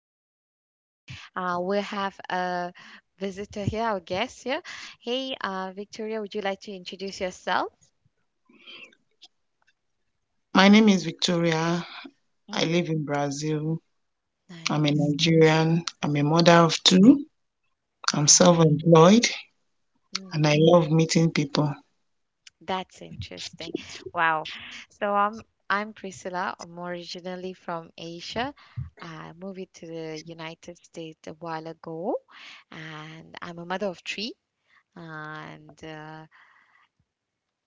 host for today. We have a visitor here, our guest here. Hey, Victoria, would you like to introduce yourself? My name is Victoria. Mm, I live in Brazil. I'm a nice, Nigerian. I'm a mother nice, of two. I'm self nice. employed Mm, and I love meeting people. that's interesting. Wow. So um, I'm Priscilla. I'm originally from Asia. I moved it to the United States a while ago, and I'm a mother of three. And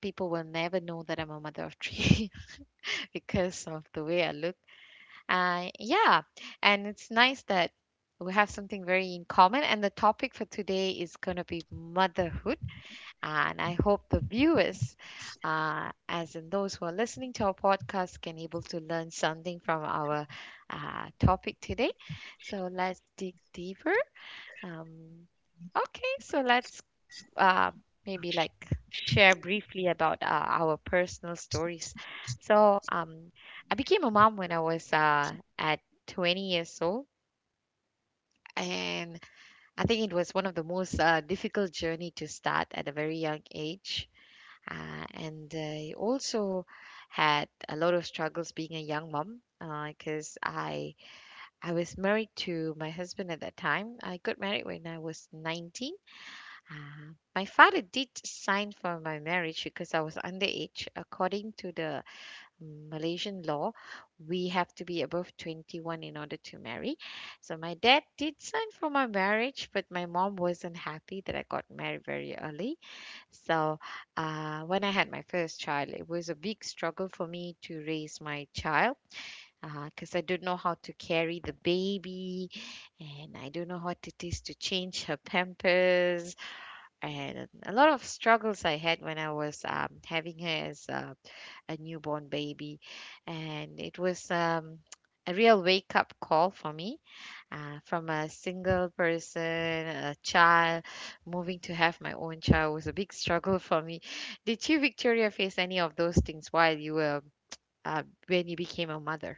People will never know that I'm a mother of three because of the way I look. Yeah, and it's nice that we have something very in common. And the topic for today is going to be motherhood. And I hope the viewers, as in those who are listening to our podcast, can able to learn something from our topic today. So let's dig deeper. Um, okay, so let's um, maybe share briefly about our personal stories. So um, I became a mom when I was at 20 years old, and I think it was one of the most difficult journey to start at a very young age. And I also had a lot of struggles being a young mom because I was married to my husband at that time. I got married when I was 19. Ah, my father did sign for my marriage because I was underage. According to the Malaysian law, we have to be above 21 in order to marry. So my dad did sign for my marriage, but my mom wasn't happy that I got married very early. So when I had my first child, it was a big struggle for me to raise my child. Because I don't know how to carry the baby, and I don't know what it is to change her pampers, and a lot of struggles I had when I was having her as a newborn baby. And it was a real wake up call for me from a single person, a child, moving to have my own child was a big struggle for me. Did you, Victoria, face any of those things while you were, uh, when you became a mother?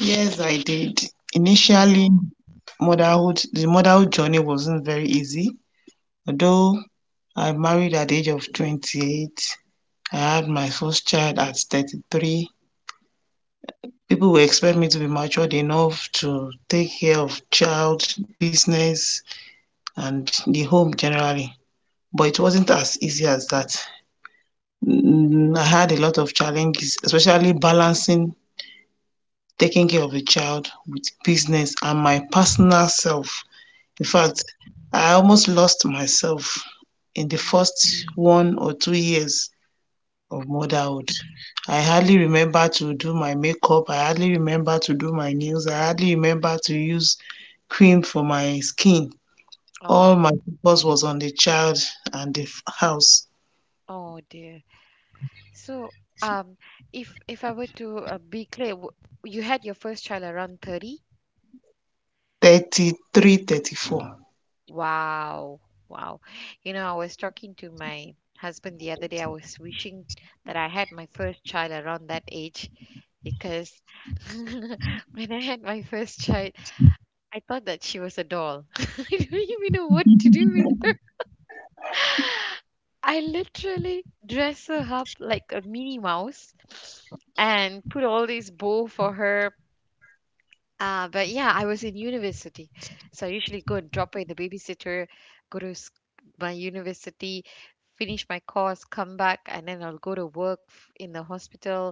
Yes, I did. Initially, Oh, motherhood journey wasn't very easy. Although I married at the age of 28, I had my first child at 33. People will expect me to be matured enough to take care of child, business, and the home generally. But it wasn't as easy as that. Mm, I had a lot of challenges, especially balancing taking care of a child with business and my personal self. In fact, oh, I almost lost myself in the mm, first 1 or 2 years of mm, motherhood. I hardly remember to do my makeup, I hardly remember to do my nails, I hardly remember to use cream for my skin. All my oh, focus was on the child and the house. oh, dear. So, um, if I were to be clear, you had your first child around 30? 33, 34. Wow. Wow. You know, I was talking to my husband the other day. I was wishing that I had my first child around that age because when I had my first child, I thought that she was a doll. I don't even know what to do with her. I literally dress her up like a Minnie Mouse and put all this bow for her. But yeah, I was in university. So I usually go and drop by the babysitter, go to s- my university, finish my course, come back, and then I'll go to work in the hospital.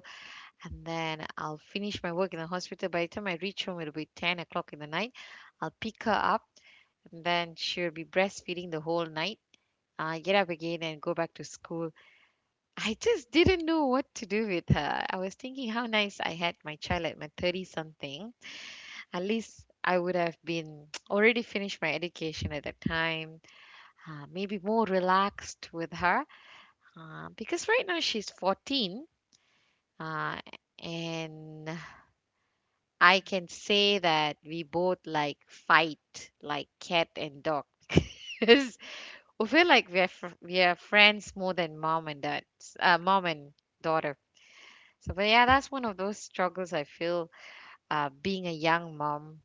And then I'll finish my work in the hospital. By the time I reach home, it'll be 10 o'clock in the night. I'll pick her up, and then she'll be breastfeeding the whole night. I get up again and go back to school. I just didn't know what to do with her. I was thinking how nice I had my child at my 30 something. At least I would have been already finished my education at that time, maybe more relaxed with her because right now she's 14. Uh, and I can say that we both like fight like cat and dog. 'Cause we feel like we are we are friends more than mom and dad, mom and daughter. So, but yeah, that's one of those struggles I feel being a young mom.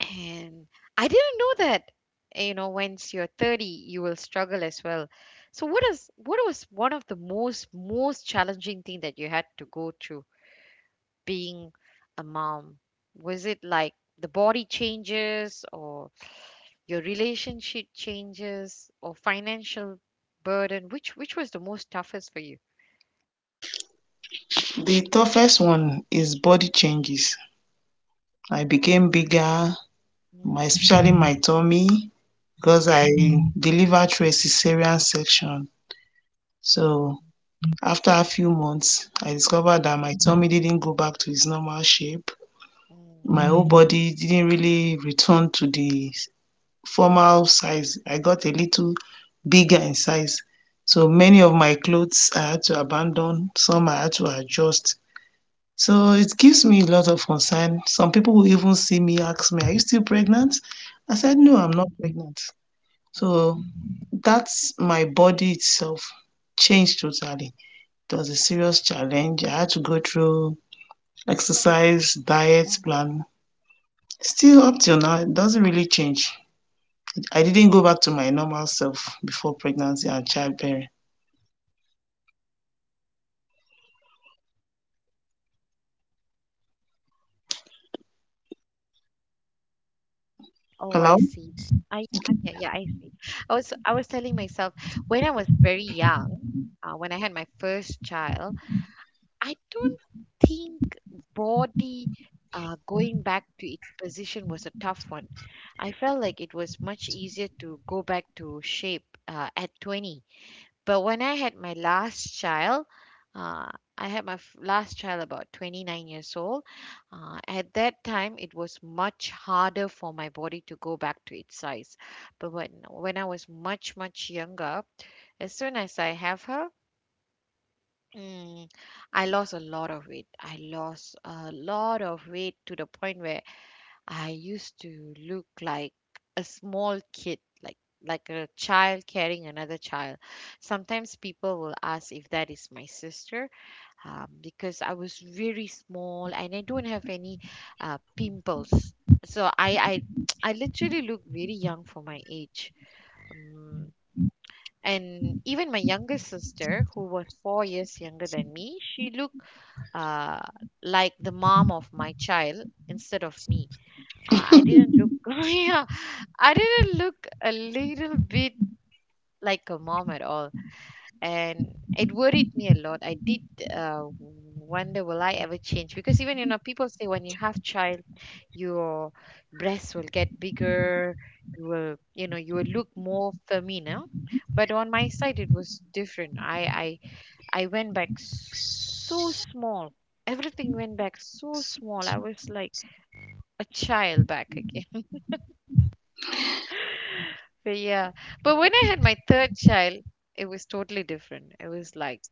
And I didn't know that, you know, once you're 30, you will struggle as well. So what is what was one of the most challenging thing that you had to go through being a mom? Was it like the body changes or your relationship changes or financial burden? Which was the most toughest for you? The toughest one is body changes. I became bigger, my Mm, especially my tummy because mm, I delivered through a cesarean section. So after a few months, I discovered mm, that my tummy didn't go back to its normal shape. My mm, whole body didn't really return to the former size. I got a little bigger in size. So many of my clothes I had to abandon, some I had to adjust. So it gives me a lot of concern. Some people will even see me ask me, are you still pregnant? I said, no, mm, I'm not pregnant. So mm. that's my body itself changed totally. It was a serious challenge. I had to go through exercise, diet plan. Still up till now, it doesn't really change. I didn't go back to my normal self before pregnancy and childbearing. Oh, I Hello? see. Yeah, yeah, I was I was telling myself when I was very young, when I had my first child, I don't think body going back to its position was a tough one. I felt like it was much easier to go back to shape at 20, but when I had my last child, uh, I had my last child about 29 years old. At that time, it was much harder for my body to go back to its size. But when I was much, much younger, as soon as I have her, mm, I lost a lot of weight. I lost a lot of weight to the point where I used to look like a small kid, like like a child carrying another child. Sometimes people will ask if that is my sister, because I was very small and I don't have any pimples. So I I literally look very young for my age. Um, and even my younger sister, who was 4 years younger than me, she looked uh, like the mom of my child instead of me. I didn't look, yeah, I didn't look a little bit like a mom at all, and it worried me a lot. I did wonder, will I ever change? Because even, you know, people say when you have child, your breasts will get bigger. You know, you will look more feminine. Huh? But on my side, it was different. I went back so small. Everything went back so small. I was like a child back again. But yeah, but when I had my third child, it was totally different. It was like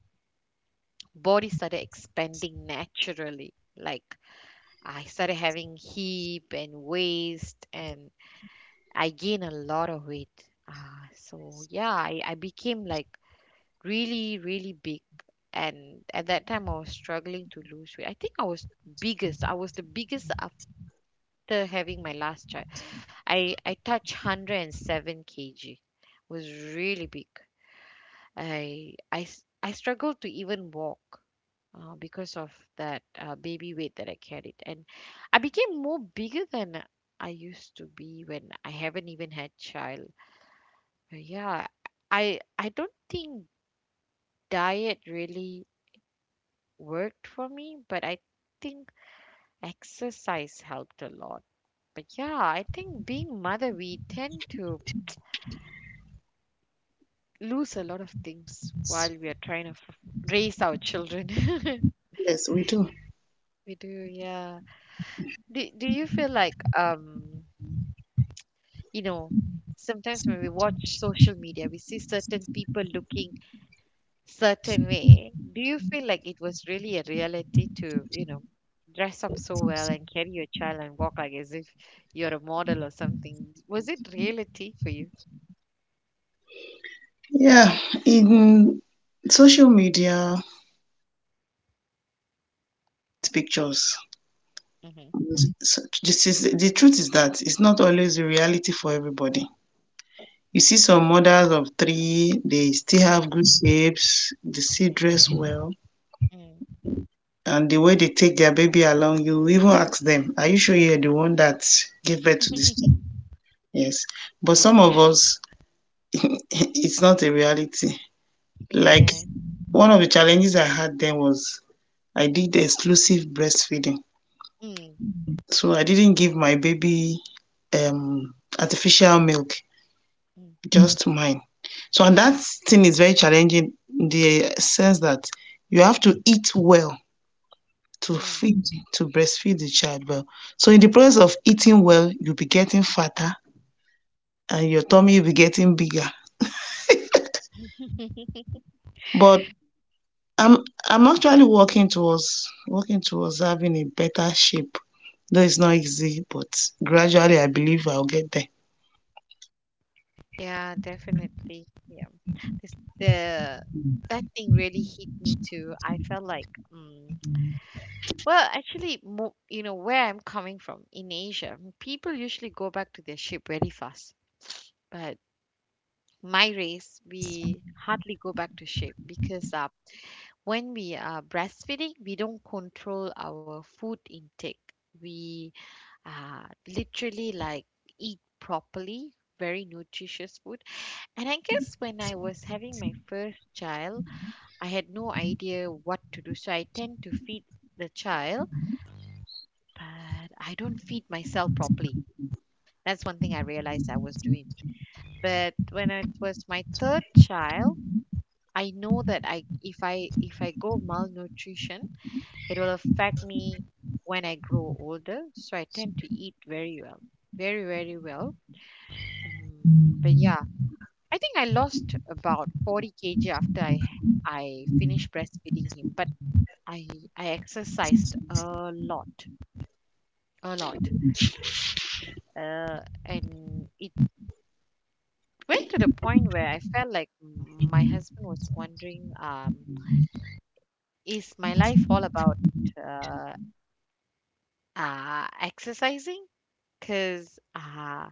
body started expanding naturally. Like I started having hip and waist, and I gained a lot of weight. Ah, so yeah, I became like really, really big. And at that time, I was struggling to lose weight. I think I was biggest. I was the biggest after having my last child. I touched 107 kg. Was really big. I struggled to even walk because of that baby weight that I carried, and I became more bigger than I used to be when I haven't even had child. Yeah, I don't think diet really worked for me, but I think exercise helped a lot. But yeah, I think being mother, we tend to lose a lot of things while we are trying to raise our children. Yes, we do. We do, yeah. Do you feel like you know, sometimes when we watch social media we see certain people looking certain way. Do you feel like it was really a reality to, you know, dress up so well and carry your child and walk like as if you're a model or something? Was it reality for you? Yeah, in social media, print pictures. Mm-hmm. So this is the truth is that it's not always a reality for everybody. You see some mothers of three, they still have Mm, good shapes, they still mm, dress well, mm. and the way they take their baby along, you even ask them, are you sure you're the one that gave birth to this child? Yes. But some of us it's not a reality. Like Yeah. one of the challenges I had then was I did exclusive breastfeeding. Mm, So I didn't give my baby um, artificial milk. mm, Just mine. So, and that thing is very challenging in the sense that you have to eat well to feed, to breastfeed the child well. So, in the process of eating well, you'll be getting fatter and your tummy will be getting bigger. mm. But I'm I'm actually working towards having a better shape. Though it's not easy, but gradually I believe I'll get there. Yeah, definitely. Yeah. This, the that thing really hit me too. I felt like mm. Well, actually, mo you know, where I'm coming from in Asia, people usually go back to their ship very fast. But my race, we hardly go back to ship because when we are breastfeeding, we don't control our food intake. We literally like eat properly, very nutritious food. And I guess when I was having my first child, I had no idea what to do. So I tend to feed the child. But I don't feed myself properly. That's one thing I realized I was doing. But when it was my third child, I know that I if I if I go malnutrition, it will affect me when I grow older. So I tend to eat very well, very very well. But yeah, I think I lost about 40 kg after I finished breastfeeding him. But I I exercised a lot, and it went to the point where I felt like my husband was wondering, is my life all about uh, exercising? Because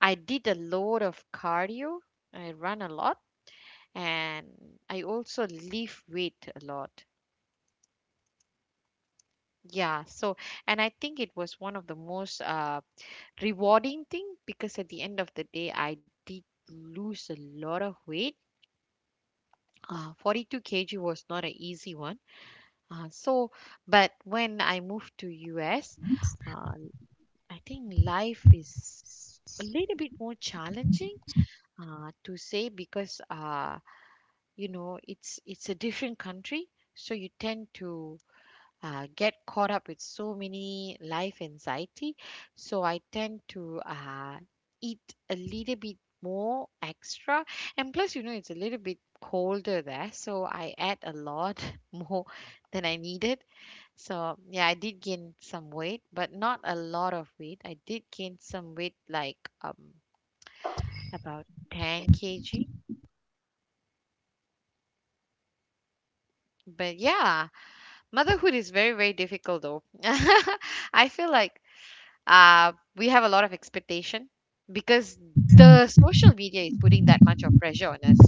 I did a load of cardio, I run a lot, and I also lift weight a lot. Yeah, so and I think it was one of the most rewarding thing because at the end of the day, I did lose a lot of weight. 42 kg was not an easy one. Uh, so, but when I moved to US, uh, I think life is a little bit more challenging to say because you know it's a different country, so you tend to get caught up with so many life anxiety. So I tend to eat a little bit more extra, and plus you know it's a little bit colder there, so I add a lot more than I needed so, yeah, I did gain some weight, but not a lot of weight. I did gain some weight, like um about 10 kg. But yeah, motherhood is very, very difficult though. I feel like we have a lot of expectation because the social media is putting that much of pressure on us.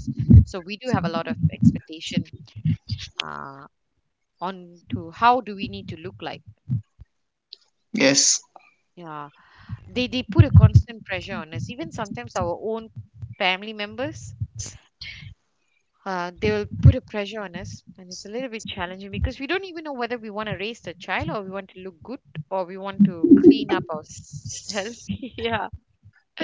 So we do have a lot of expectation uh on to how do we need to look like. Yes, Yeah. They put a constant pressure on us, even sometimes our own family members, they will put a pressure on us, and it's a little bit challenging because we don't even know whether we want to raise the child or we want to look good or we want to clean up ourselves. Yeah.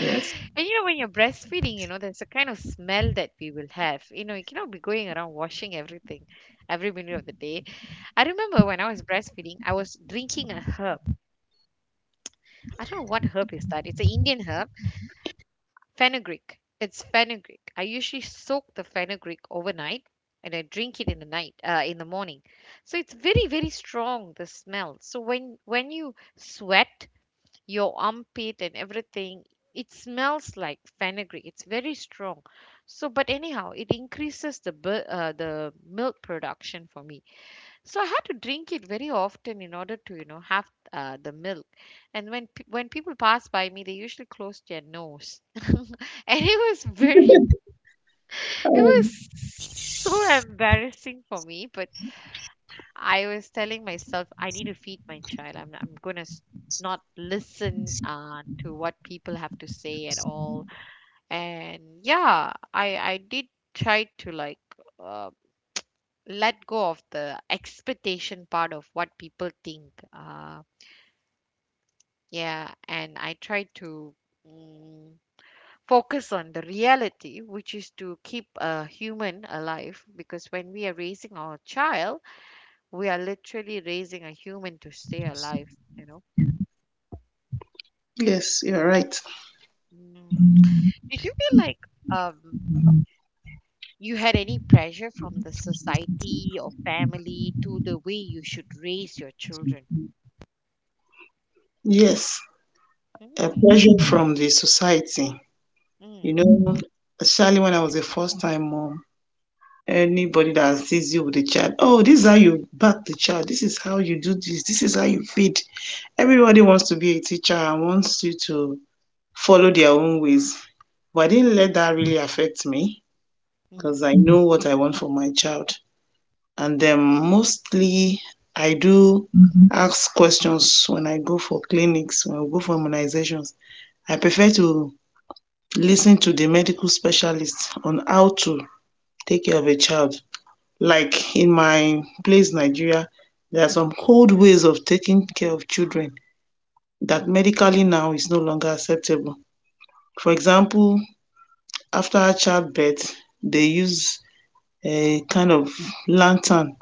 yes. And you know when you're breastfeeding, you know there's a kind of smell that we will have. You know, you cannot be going around washing everything every minute of the day. I remember when I was breastfeeding, I was drinking a herb. I don't know what herb is that. It's an Indian herb. Fenugreek. It's fenugreek. I usually soak the fenugreek overnight and I drink it in the night, in the morning. So it's very, very strong, the smell. So when you sweat, your armpit and everything, it smells like fenugreek. It's very strong. So, but anyhow, it increases the the milk production for me. So I had to drink it very often in order to, you know, have the milk. And when when people pass by me, they usually close their nose. And it was very, it Um, was so embarrassing for me. But I was telling myself, I need to feed my child. I'm not listen to what people have to say at all. And yeah, I did try to like. Uh, Let go of the expectation part of what people think. Yeah, and I try to mm, focus on the reality, which is to keep a human alive. Because when we are raising our child, we are literally raising a human to stay alive, you know. yes, you're right. Mm. Did you feel like um, you had any pressure from the society or family to the way you should raise your children? Yes, a Mm. pressure from the society. You Mm. know, especially when I was a first time mom, anybody that sees you with a child, oh, this is how you back the child, this is how you do this, this is how you feed. Everybody wants to be a teacher and wants you to follow their own ways. But I didn't Mm. let that really affect me because I know what I want for my child. And then mostly I do Mhm. ask questions when I go for clinics, when I go for immunizations. I prefer to listen to the medical specialist on how to take care of a child. Like in my place, Nigeria, there are some old ways of taking care of children that medically now is no longer acceptable. For example, after childbirth, they use a kind of lantern.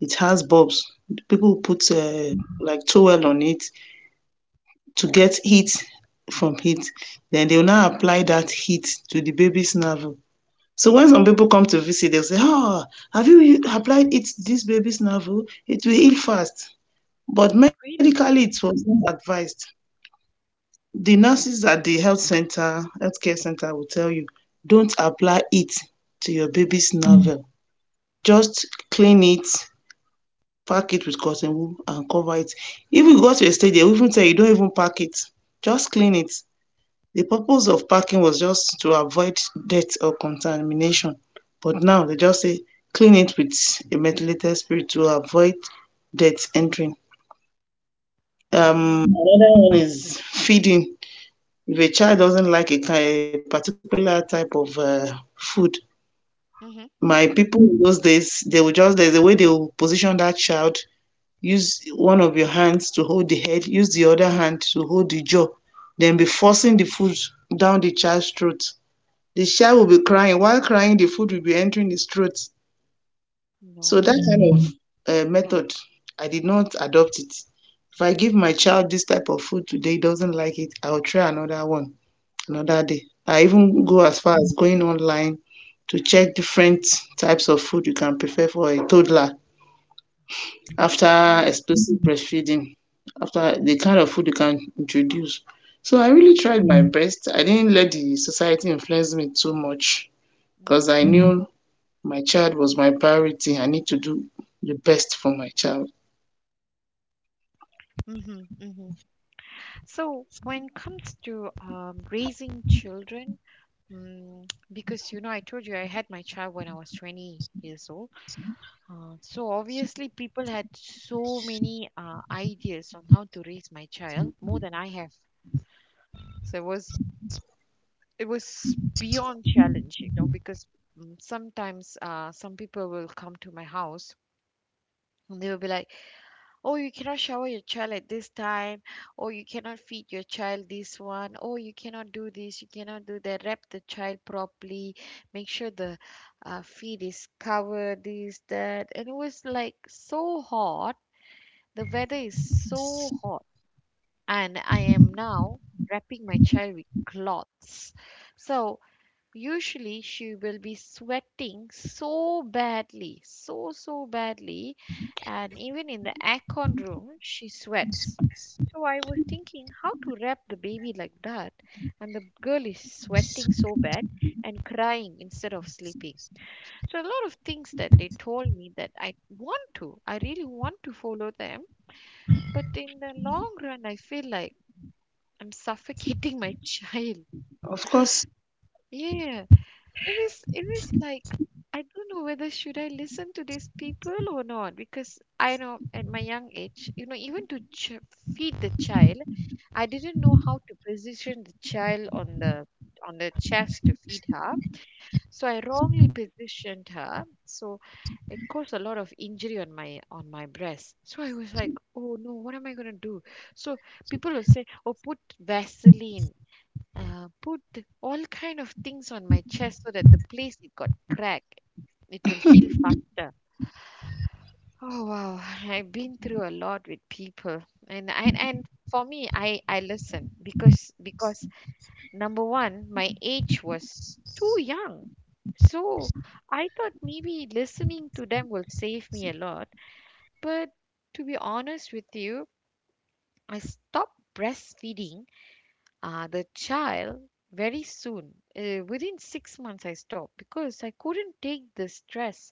It has bulbs. People put like towel on it to get heat from heat. Then they will now apply that heat to the baby's navel. So when some people come to visit, they'll say, "Ah, have you applied it to this baby's navel? It will heal fast." But medically, Really? it was not advised. The nurses at the health center, healthcare center, will tell you, "Don't apply it to your Mm. baby's navel. Just clean it, pack it with cotton wool, and cover it." If you go to a stage, they will even tell you, "Don't even pack it. Just clean it." The purpose of packing was just to avoid death or contamination. But now they just say clean it with a methylated spirit to avoid death entering. Mm. Another one is feeding. If a child doesn't like a particular type of food, Mhm. my people in those days, they will just, there's a way they will position that child, use one of your hands to hold the head, use the other hand to hold the jaw, then be forcing the food down the child's throat. The child will be crying. While crying, the food will be entering his throat. So that No. kind of method, I did not adopt it. If I give my child this type of food today, he doesn't like it, I'll try another one another day. I even Mm. go as far as going online to check different types of food you can prepare for a toddler after Mm. exclusive breastfeeding, after the kind of food you can introduce. So I Mm. really tried my best. I didn't let the society influence me too much Mm. because I knew my child was my priority. I need to do the best for my child. Hmm, hmm. So when comes to raising children, mm, because you know, I told you I had my child when I was 20 years old. So obviously, people had so many ideas on how to raise my child more than I have. So it was, it was beyond challenge, you know, because sometimes some people will come to my house and they will be like, oh, you cannot shower your child at this time. Oh, you cannot feed your child this one. Oh, you cannot do this, you cannot do that. Wrap the child properly, make sure the feed is covered, this, that. And it was like so hot, the weather is so hot, and I am now wrapping my child with cloths. So usually, she will be sweating so badly, so, so badly. And even in the aircon room, she sweats. So I was thinking how to wrap the baby like that, and the girl is sweating so bad and crying instead of sleeping. So a lot of things that they told me that I want to, I really want to follow them, but in the long run, I feel like I'm suffocating my child. Of course, Yeah. It was like, I don't know whether should I listen to these people or not, because I know at my young age, you know, even to feed the child, I didn't know how to position the child on the chest to feed her. So I wrongly positioned her. So it caused a lot of injury on my breast. So I was like, oh no, what am I gonna do? So people will say, oh, put Vaseline, put all kind of things on my chest so that the place it got cracked, it will heal faster. Oh wow. I've been through a lot with people. And for me, I listen, because number one, my age was too young. So I thought maybe listening to them will save me a lot. But to be honest with you, I stopped breastfeeding the child very soon. Within 6 months, I stopped because I couldn't take the stress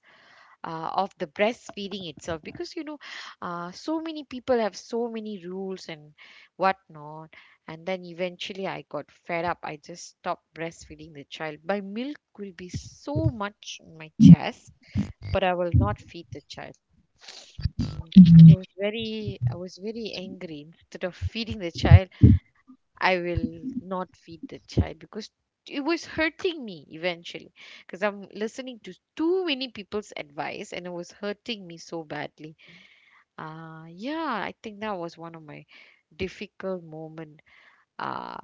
of the breastfeeding itself. Because you know, so many people have so many rules and whatnot. And then eventually, I got fed up. I just stopped breastfeeding the child. My milk will be so much in my chest, but I will not feed the child. Because I was very angry. Instead of feeding the child, I will not feed the child because it was hurting me eventually, because I'm listening to too many people's advice and it was hurting me so badly. Yeah, I think that was one of my difficult moment uh,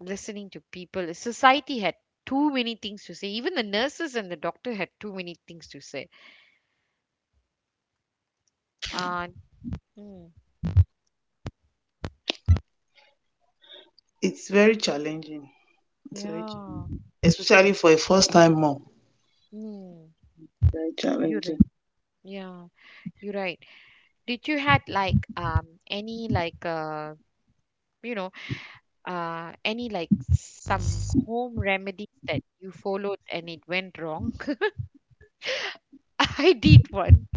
listening to people. Society had too many things to say. Even the nurses and the doctor had too many things to say. Uh, mm, it's very challenging. It's very yeah, challenging, especially for a first-time mom. mm, Very you're right. challenging. Yeah, you're right. Did you had like any like you know, any like some home remedies that you followed and it went wrong? I did one.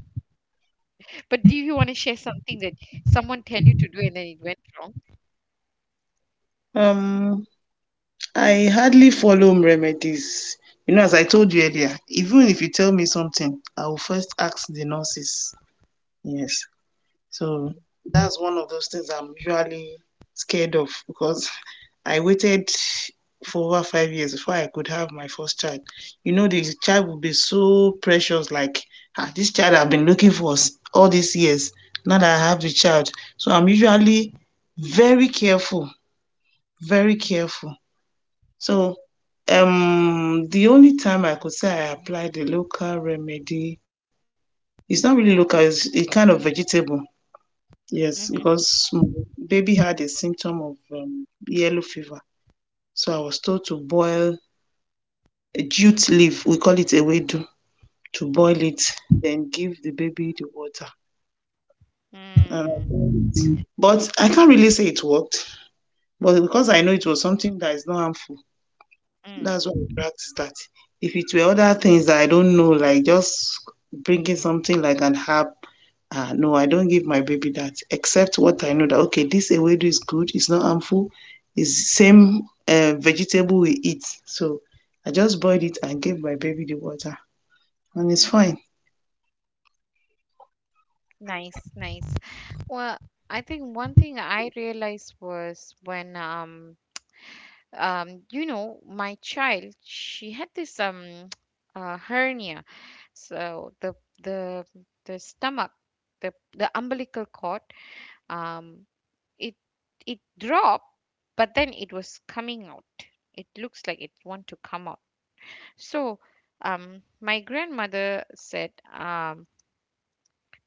But do you want to share something that someone tell you to do and then it went wrong? Um, I hardly follow remedies. You know, as I told you earlier, even if you tell me something, I will first ask the nurses. Yes, so Mm. that's one of those things I'm usually scared of because I waited for over 5 years before I could have my first child. You know, the child will be so precious, like, ah, this child I've been looking for all these years. Now that I have the child. So I'm usually very careful, very careful. So the only time I could say I applied the local remedy, it's not really local, it's a kind of vegetable. Yes, Mm-hmm. because my baby had a symptom of yellow fever. So I was told to boil a jute leaf, we call it a wedu, to boil it, then give the baby the water. Um, Mm. but I can't really say it worked, but because I know it was something that is not harmful. Mm. That's why I practice that. If it were other things that I don't know, like just bringing something like an app, ah, no, I don't give my baby that. Except what I know that okay, this ewedu is good, it's not harmful, it's same vegetable we eat. So I just boiled it and gave my baby the water, and it's fine. Nice, nice. Well, I think one thing I realized was when you know, my child, she had this hernia. So the the stomach, the umbilical cord, um it, it dropped, but then it was coming out. It looks like it want to come out. So my grandmother said, um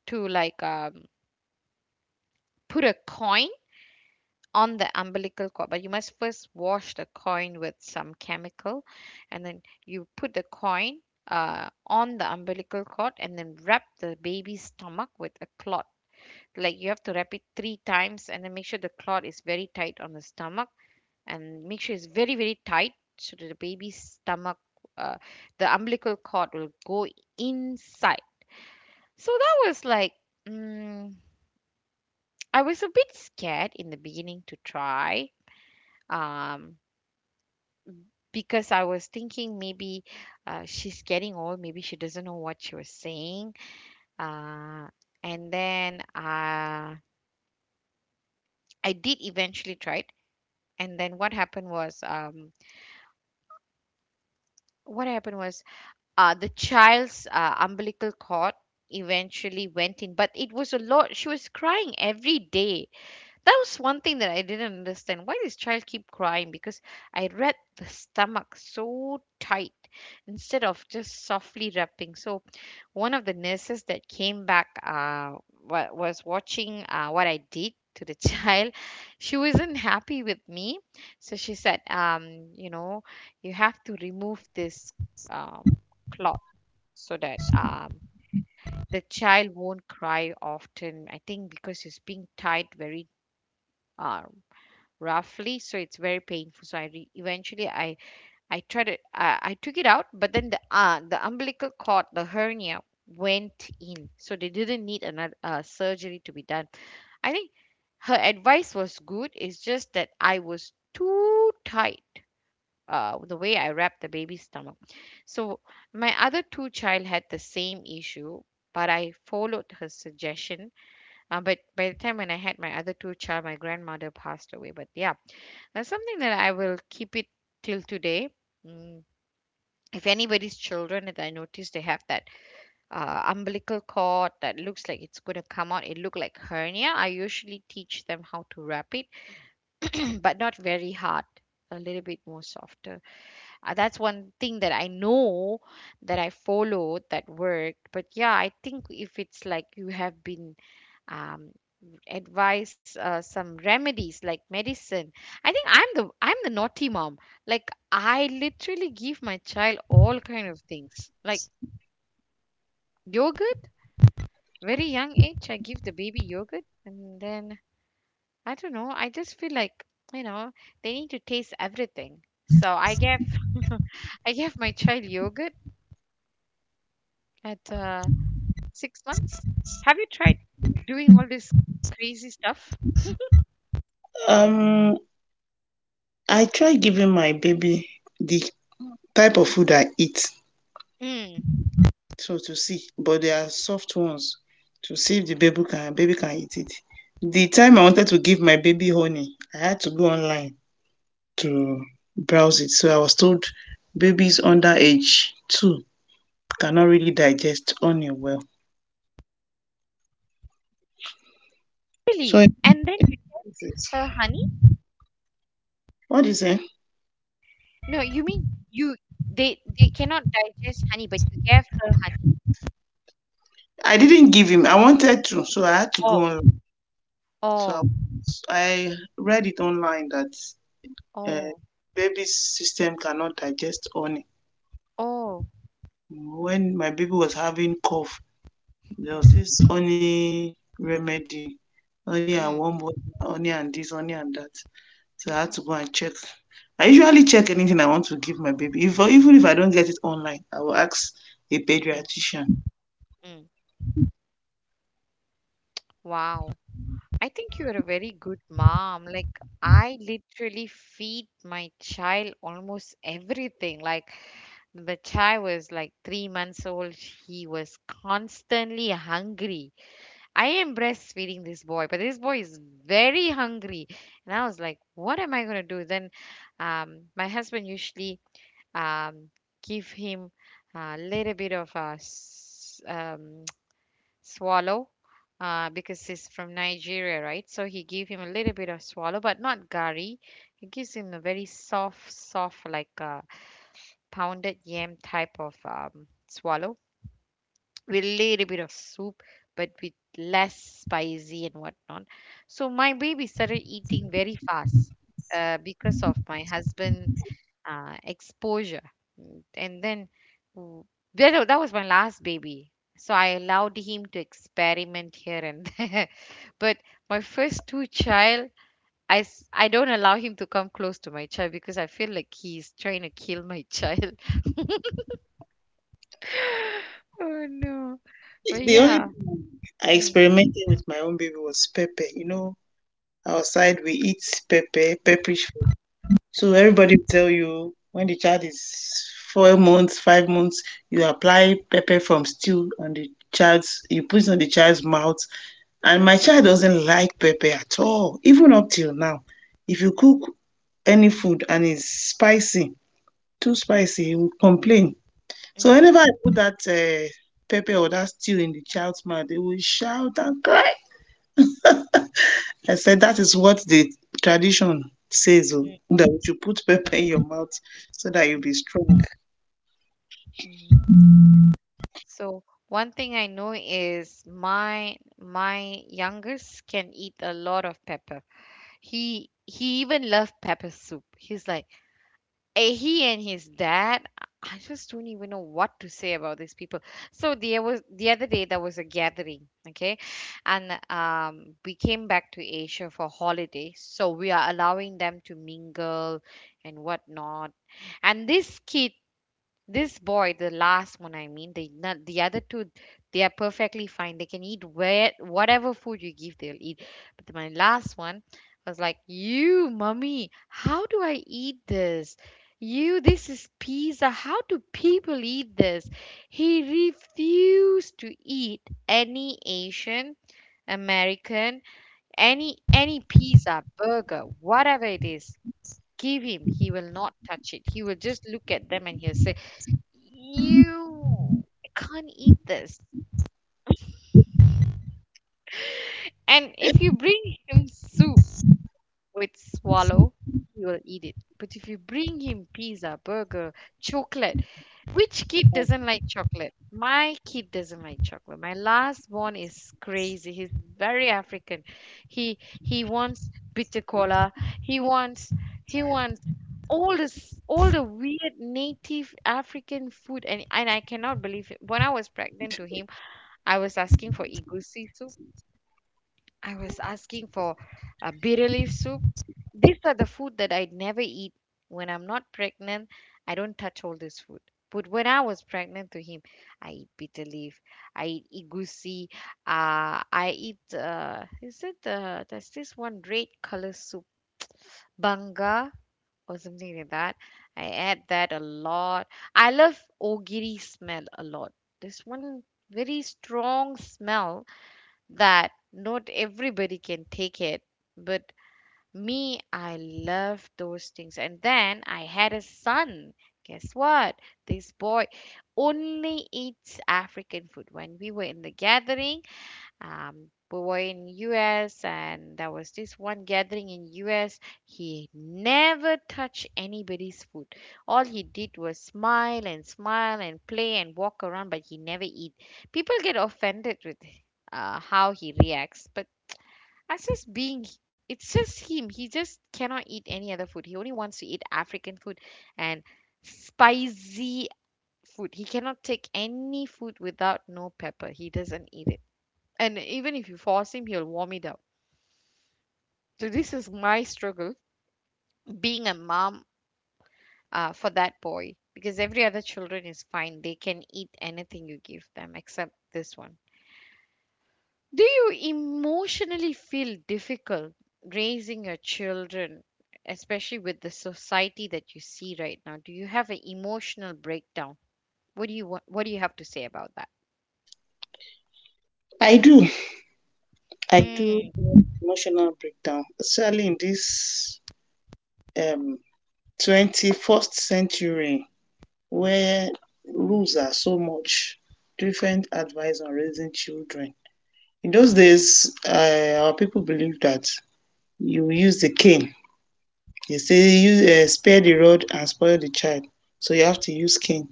to like, put a coin on the umbilical cord, but you must first wash the coin with some chemical, and then you put the coin on the umbilical cord, and then wrap the baby's stomach with a cloth. Like you have to wrap it three times, and then make sure the cloth is very tight on the stomach, and make sure it's very very tight, so that the baby's stomach, uh, the umbilical cord will go inside. So that was like mm, I was a bit scared in the beginning to try, um, because I was thinking maybe she's getting old, maybe she doesn't know what she was saying. Uh, and then I did eventually try it, and then what happened was, what happened was the child's umbilical cord eventually went in, but it was a lot, she was crying every day. That was one thing that I didn't understand, why this child keep crying, because I wrapped the stomach so tight instead of just softly wrapping. So one of the nurses that came back, was watching what I did to the child. She wasn't happy with me. So she said, you know, you have to remove this um, cloth, so that the child won't cry often. I think because it's being tied very uh, roughly, so it's very painful. So eventually I tried it. I took it out, but then the the umbilical cord, the hernia, went in, so they didn't need another surgery to be done. I think her advice was good. It's just that I was too tight the way I wrapped the baby's stomach. So my other two child had the same issue, but I followed her suggestion. But by the time when I had my other two child, my grandmother passed away. But yeah, that's something that I will keep it till today. Mm. If anybody's children that I notice they have that umbilical cord that looks like it's going to come out, it look like hernia, I usually teach them how to wrap it, but not very hard, a little bit more softer. That's one thing that I know that I followed that worked. But yeah, I think if it's like you have been um, advised some remedies like medicine, I think I'm the, I'm the naughty mom. Like I literally give my child all kind of things like yogurt. Very young age, I give the baby yogurt, and then I don't know. I just feel like you know they need to taste everything. So I gave I gave my child yogurt at 6 months? Have you tried doing all this crazy stuff? Um, I try giving my baby the type of food I eat Mm. so to see but they are soft ones to see if the baby can eat it. The time I wanted to give my baby honey I had to go online to browse it so I was told babies under age 2 cannot really digest honey well. So Really? I And then you, bought it. her honey? What is it? No, you mean you they cannot digest honey, but you gave her honey. I didn't give him, I wanted to so I had to go Oh, online. So oh, I read it online that uh, oh, baby's system cannot digest honey. Oh, When my baby was having cough there mm, was this honey remedy, honey and mm, warm water, honey and this, honey and that. So I had to go and check. I usually check anything I want to give my baby. If, even if I don't get it online, I will ask a mm, pediatrician. mm. Wow. I think you're a very good mom. Like I literally feed my child almost everything. Like the child was like 3 months old, he was constantly hungry. I am breastfeeding this boy, but this boy is very hungry. And I was like, what am I going to do? Then my husband usually um, give him a little bit of a swallow because he's from Nigeria, right? So he gave him a little bit of swallow, but not gari. He gives him a very soft, soft, like a pounded yam type of swallow with a little bit of soup but with less spicy and whatnot. So my baby started eating very fast because of my husband exposure. And then w- that, that was my last baby, so I allowed him to experiment here and there. But my first two child, I don't allow him to come close to my child because I feel like he's trying to kill my child. Oh, no. The But the only yeah. thing I Mm. experimented with my own baby was pepper. You know, outside we eat pepper, pepperish food. So everybody will tell you when the child is 4 months, 5 months, you apply pepper from stew on the child's, you put it on the child's mouth. And my child doesn't like pepper at all, even up till now. If you cook any food and it's spicy, too spicy, he will complain. So Mm, whenever I put that pepper or that stew in the child's mouth, they will shout and cry. I said that is what the tradition says oh, mm, that you put pepper in your mouth so that you'll mm, be strong. mm. So one thing I know is my youngest can eat a lot of pepper. He even loved pepper soup. He's like he and his dad. I just don't even know what to say about these people. So there was the other day, there was a gathering, okay, and we came back to Asia for holiday. So we are allowing them to mingle and whatnot. And this kid, this boy, the last one, I mean, the not the other two, they are perfectly fine. They can eat where whatever food you give, they'll eat. But my last one was like, "You, mummy, how do I eat this? You, this is pizza. How do people eat this?" He refused to eat any Asian, American, any pizza, burger, whatever it is. Give him. He will not touch it. He will just look at them and he'll say. You can't eat this. And if you bring him soup with swallow, he will eat it. But if you bring him pizza, burger, chocolate, which kid doesn't like chocolate? My kid doesn't like chocolate. My last born is crazy. He's very African. He wants bitter cola. He wants he wants all this all the weird native African food, and I cannot believe it. When I was pregnant to him, I was asking for egusi soup. I was asking for bitter leaf soup. These are the food that I never eat when I'm not pregnant. I don't touch all this food. But when I was pregnant to him, I eat bitter leaf. I eat egusi. I eat is it there's this one red color soup, banga or something like that. I add that a lot. I love ogiri smell a lot. This one very strong smell that not everybody can take it, but me, I love those things. And then I had a son, guess what, this boy only eats African food. When we were in the gathering, we were in US, and there was this one gathering in US. He never touched anybody's food. All he did was smile and smile and play and walk around, but he never eat. People get offended with how he reacts, but as just being it's just him. He just cannot eat any other food. He only wants to eat African food and spicy food. He cannot take any food without no pepper. He doesn't eat it, and even if you force him, he'll vomit out. So this is my struggle being a mom for that boy, because every other children is fine, they can eat anything you give them except this one. Do you emotionally feel difficult raising your children, especially with the society that you see right now? Do you have an emotional breakdown? What do you want, what do you have to say about that? I do. I do mm, emotional breakdown, especially in this um, 21st century, where rules are so much, different advice on raising children. In those days, our people believed that you use the cane. They say use spare the rod and spoil the child, so you have to use cane.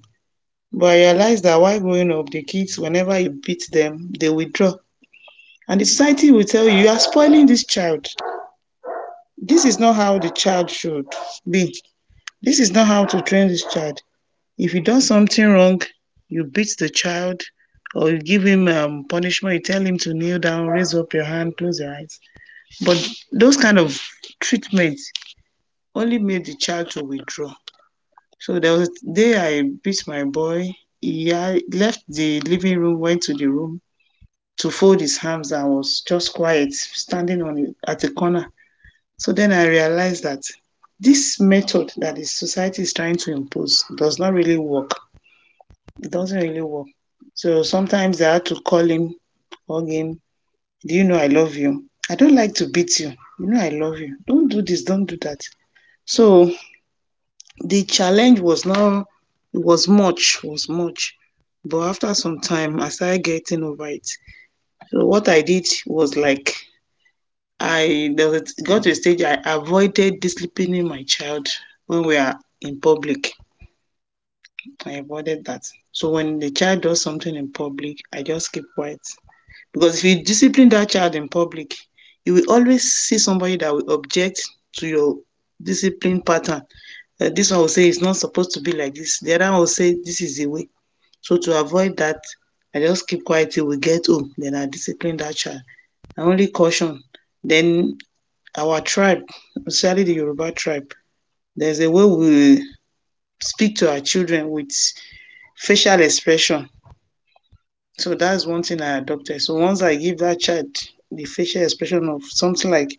But I realized that while growing up, the kids, whenever you beat them, they withdraw. And the society will tell you, you are spoiling this child. This is not how the child should be. This is not how to train this child. If you done something wrong, you beat the child or you give him punishment, you tell him to kneel down, raise up your hand, close your eyes. But those kind of treatments only made the child to withdraw. So there was a day I beat my boy. He left the living room, went to the room to fold his arms and was just quiet, standing on at the corner. So then I realized that this method that the society is trying to impose does not really work. It doesn't really work. So sometimes I had to call him, hug him. Do you know I love you? I don't like to beat you. You know I love you. Don't do this, don't do that. So the challenge was not was much, was much. But after some time I started getting over it. So what I did was like I there was got to a stage I avoided disciplining my child when we are in public. I avoided that. So when the child does something in public, I just keep quiet. Because if you discipline dat child in public, you will always see somebody that will object to your discipline pattern. Dis one will say it's not supposed to be like dis, de other one will say dis is the way. So to avoid dat, I just keep quiet till we get home, den I discipline dat child. Na only caution. Den our tribe, especially the Yoruba tribe, there's a way we speak to our children with facial expression. So that's one thing I adopted. So once I give that child the facial expression of something like,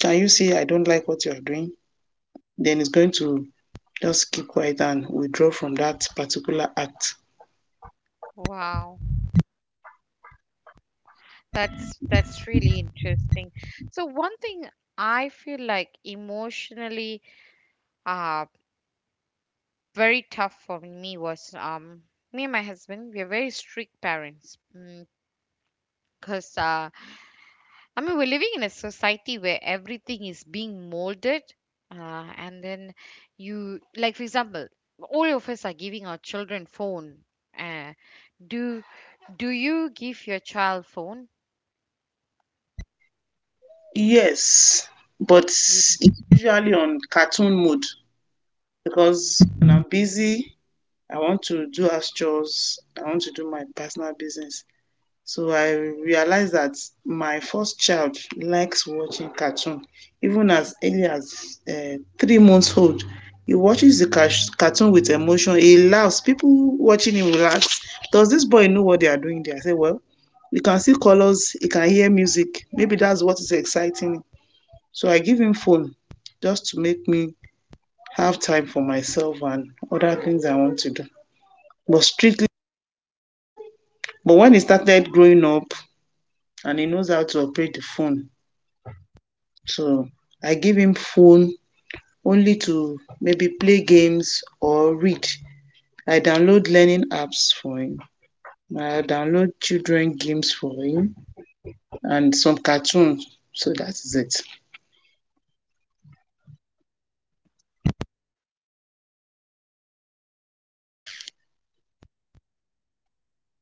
can you see I don't like what you're doing? Then it's going to just keep quiet and withdraw from that particular act. wow. That's really interesting. So one thing I feel like emotionally uh very tough for me was me and my husband, we are very strict parents. Because I mean we're living in a society where everything is being molded and then you, like for example, all of us are giving our children phone. Uh do do you give your child phone? Yes, but You do. it's usually on cartoon mode Mm. because when I'm busy, I want to do house chores, I want to do my personal business. So I realized that my first child likes watching cartoon. Even as early as 3 months old, he watches the cartoon with emotion. He laughs. People watching him will ask, does this boy know what they are doing there? I say, well, he can see colors, he can hear music. Maybe that's what is exciting him. So I give him phone just to make me have time for myself and other things I want to do. But strictly, but when he started growing up and he knows how to operate the phone, so I give him phone only to maybe play games or read. I download learning apps for him. I download children games for him and some cartoons. So that is it.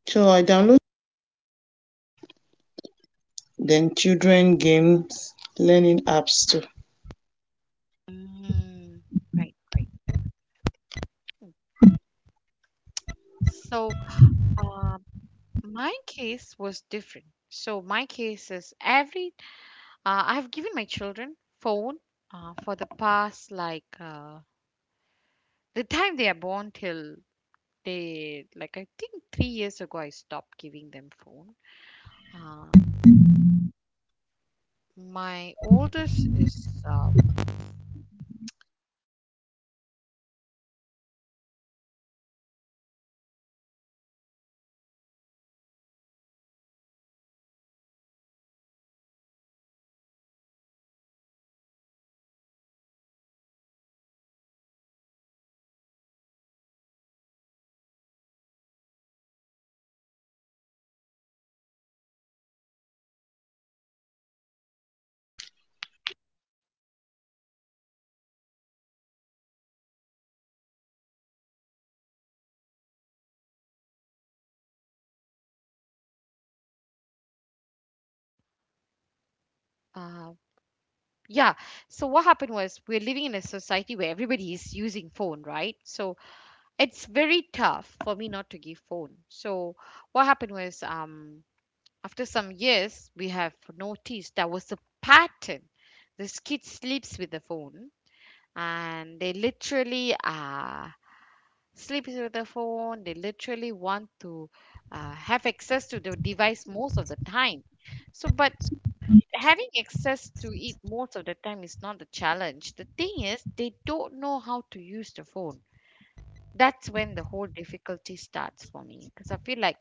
So I download then children games, learning apps too. Mm. Right, right. So, uh, my case was different. So, my case is every, I've given my children phone for the past like the time they are born till they, like, I think 3 years ago, I stopped giving them phone. Um, my oldest is, uh, yeah. So, what happened was we're living in a society where everybody is using phone, right? So, it's very tough for me not to give phone. So, what happened was, after some years, we have noticed there was a pattern. This kid sleeps with the phone, and they literally sleep with the phone. They literally want to have access to the device most of the time. So, but having access to it most of the time is not the challenge. The thing is, they don't know how to use the phone. That's when the whole difficulty starts for me because I feel like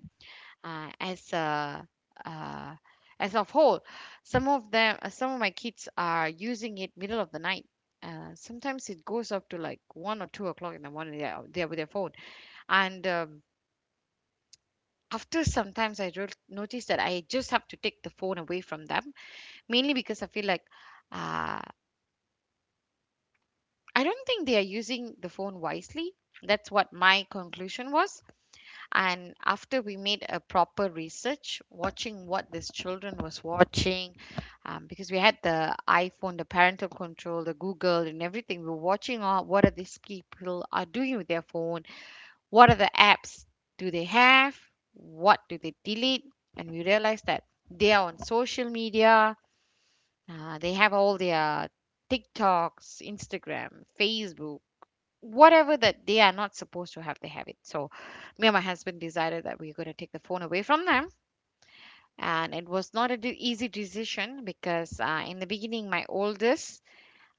uh, as a uh, as of whole. Some of them, some of my kids are using it middle of the night. Sometimes it goes up to like 1 or 2 o'clock in the morning. They are with their phone, and after sometimes I notice that I just have to take the phone away from them, mainly because I feel like uh, I don't think they are using the phone wisely. That's what my conclusion was. And after we made a proper research watching what these children was watching, because we had the iPhone, the parental control, the Google, and everything, we were watching what are these people are doing with their phone, what are the apps do they have, what do they delete. And we realized that they are on social media. They have all their TikToks, Instagram, Facebook, whatever, that they are not supposed to have, they have it. So, me and my husband decided that we are going to take the phone away from them, and it was not a easy decision because in the beginning, my oldest,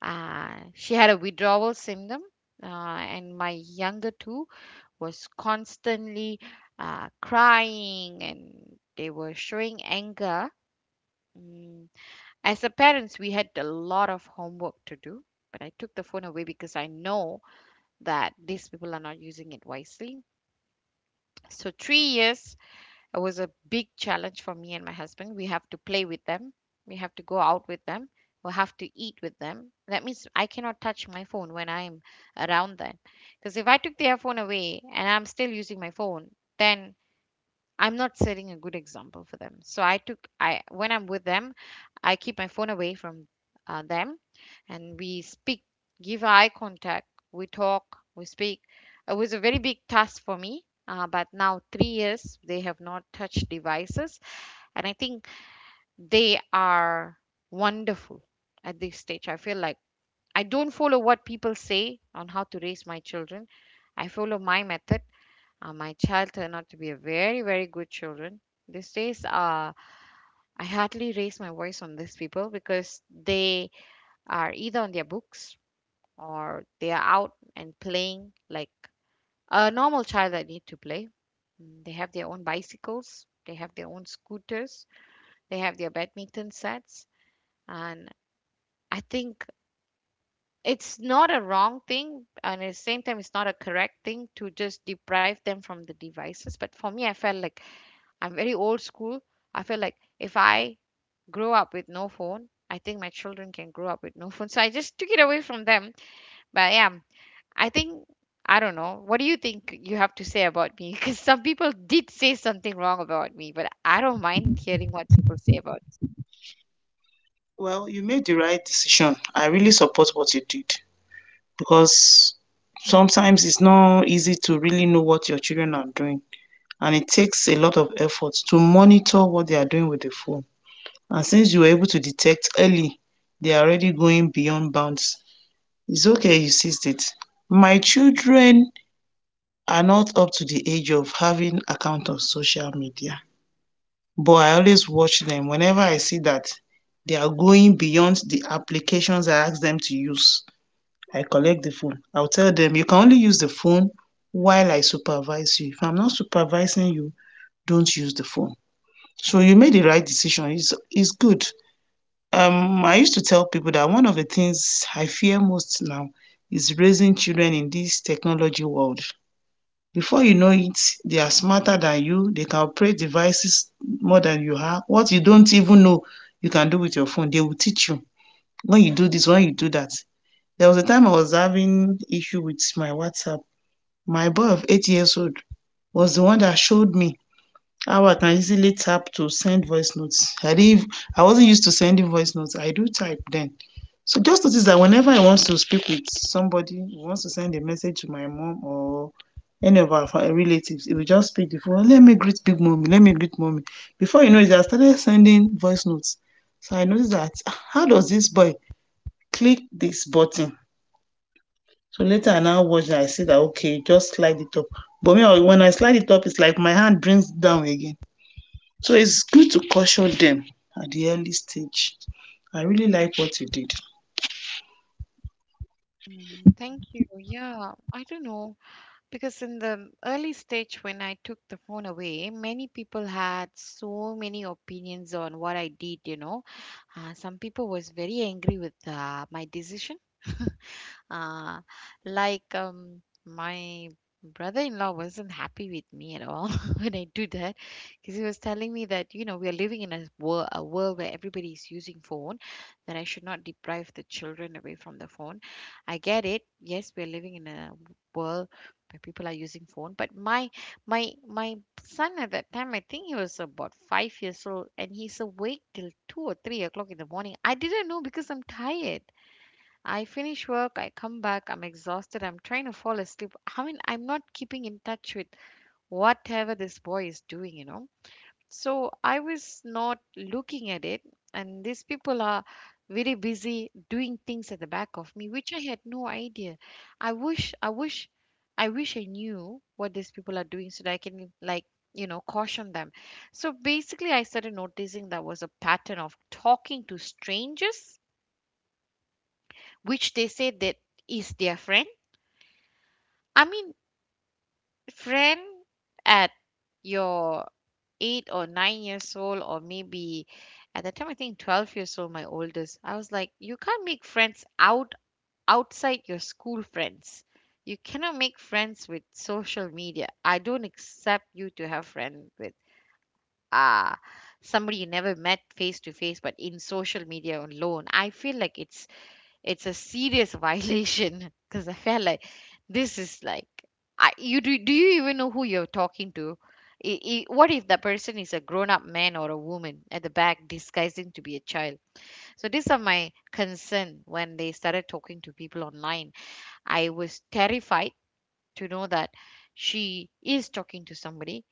she had a withdrawal symptom, and my younger two was constantly crying and they were showing anger. Mm. As a parents, we had a lot of homework to do. But I took the phone away because I know that these people are not using it wisely. So, 3 years was a big challenge for me and my husband. We have to play with them, we have to go out with them, we have to eat with them. That means I cannot touch my phone when I'm around them. Because if I took their phone away and I'm still using my phone, then I'm not setting a good example for them. So I took I when I'm with them, I keep my phone away from them, and we speak, give eye contact, we talk, we speak. It was a very big task for me. But now 3 years they have not touched devices, and I think they are wonderful at this stage. I feel like I don't follow what people say on how to raise my children. I follow my method. My child turned out to be a very, very good children. These days, I hardly raise my voice on these people because they are either on their books or they are out and playing like a normal child that need to play. They have their own bicycles, they have their own scooters, they have their badminton sets, and I think it's not a wrong thing, and at the same time, it's not a correct thing to just deprive them from the devices. But for me, I felt like I'm very old school. I feel like if I grow up with no phone, I think my children can grow up with no phone. So I just took it away from them. But yeah, I think I don't know. What do you think you have to say about me? Because some people did say something wrong about me, but I don't mind hearing what people say about Well, you made the right decision. I really support what you did because sometimes it's not easy to really know what your children are doing and it takes a lot of effort to monitor what they are doing with the phone. And since you were able to detect early they are already going beyond bounds. It's okay you seized it. My children are not up to the age of having account on social media, but I always watch them whenever I see that they are going beyond the applications I ask them to use. I collect the phone. I'll tell them you can only use the phone while I supervise you. If I'm not supervising you, don't use the phone. So you made the right decision. It's good. I used to tell people that one of the things I fear most now is raising children in this technology world. Before you know it, they are smarter than you. They can operate devices more than you have. What you don't even know, you can do with your phone. They will teach you when you do this, when you do that. There was a time I was having issue with my WhatsApp. My boy of 8 years old was the one that showed me how I can easily tap to send voice notes. I wasn't used to sending voice notes. I do type then. So just notice that whenever I want to speak with somebody, who wants to send a message to my mom or any of our relatives, it will just pick the phone. Let me greet big mommy. Let me greet mommy. Before you know it, I started sending voice notes. So I noticed that, "Ah, how does this boy click this button?" So later I now watch and I see that okay, just slide it up. But me, when I slide it up, it's like my hand brings down again. So it's good to caution them at the early stage. I really like what you did. me. Thank you. Yeah, I don't know. Because in the early stage when I took the phone away, many people had so many opinions on what I did, you know. Some people was very angry with my decision. uh, my brother-in-law wasn't happy with me at all when I do that because he was telling me that you know we are living in a world where everybody is using phone, that I should not deprive the children away from the phone. I get it. Yes, we are living in a world, but people are using phone. But my son at that time, I think he was about 5 years old, and he's awake till 2 or 3 o'clock in the morning. I didn't know because I'm tired. I finish work, I come back, I'm exhausted, I'm trying to fall asleep. I mean, I'm not keeping in touch with whatever this boy is doing, so I was not looking at it, and these people are very busy doing things at the back of me, which I had no idea. I wish, I wish, I wish I knew what these people are doing so that I can, like, you know, caution them. So basically, I started noticing there was a pattern of talking to strangers, which they say that is their friend. I mean, friend at your 8 or 9 years old, or maybe at the time I think 12 years old, my oldest. I was like, you can't make friends outside your school friends. You cannot make friends with social media. I don't accept you to have friends with ah somebody you never met face to face, but in social media alone. I feel like it's a serious violation, because I felt like this is like do you even know who you're talking to? What if that person is a grown up man or a woman at the back disguising to be a child? So these are my concern when they started talking to people online. I was terrified to know that she is talking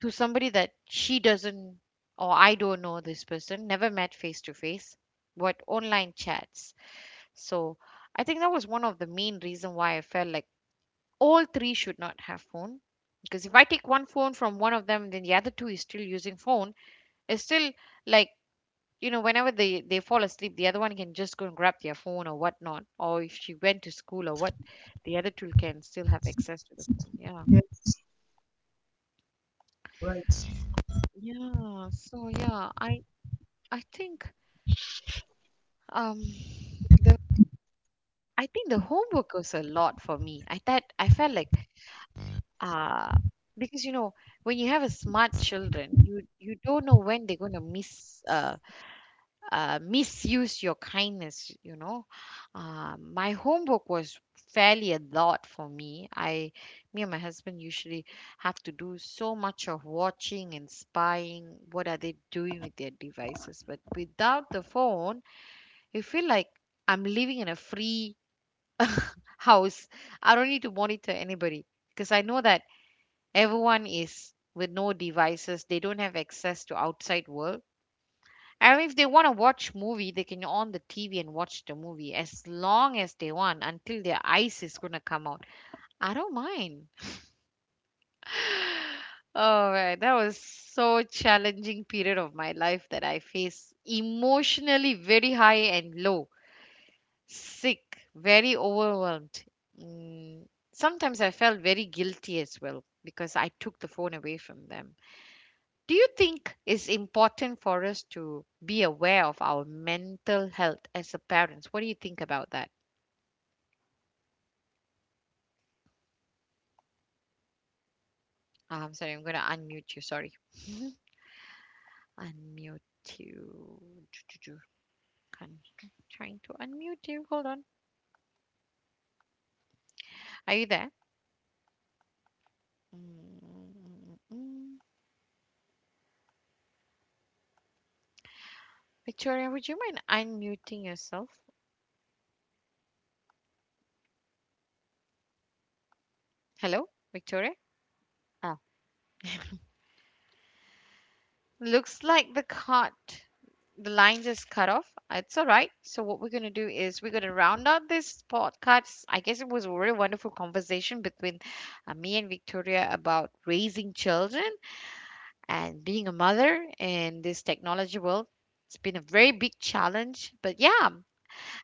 to somebody that she doesn't or I don't know this person, never met face to face, but online chats. So I think that was one of the main reason why I felt like all three should not have phone. Because if I take one phone from one of them, then the other two is still using phone. It's still like, you know, whenever they fall asleep, the other one can just go and grab their phone or whatnot. Or if she went to school or what, the other two can still have access to the phone. Yeah. Yes, you're right. Yeah. So yeah, I think um the I think the homework was a lot for me. I felt like, Uh, because you know, when you have a smart children, you don't know when they're going to miss misuse your kindness. You know, my homework was fairly a lot for me. Me and my husband usually have to do so much of watching and spying. What are they doing with their devices? But without the phone, you feel like I'm living in a free house. I don't need to monitor anybody because I know that everyone is with no devices, they don't have access to outside world. And if they want to watch movie, they can on the TV and watch the movie as long as they want until their eyes is going to come out. I don't mind. Oh man, that was so challenging period of my life that I faced emotionally very high and low, sick, very overwhelmed. mm, sometimes I felt very guilty as well because I took the phone away from them. Do you think it's important for us to be aware of our mental health as a parents? What do you think about that? Ah, I'm sorry, I'm gonna unmute you. Sorry, unmute you. I'm trying to unmute you. Hold on. Are you there? Mm, Victoria, would you mind unmuting yourself? Hello, Victoria. Oh, looks like the cut, the line just cut off. It's all right. So what we're gonna do is we're gonna round out this podcast. I guess it was a really wonderful conversation between me and Victoria about raising children and being a mother in this technology world. It's been a very big challenge, but yeah.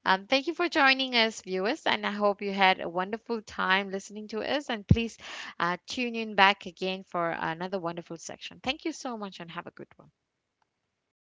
Thank you for joining us, viewers, and I hope you had a wonderful time listening to us. And please tune in back again for another wonderful section. Thank you so much, and have a good one.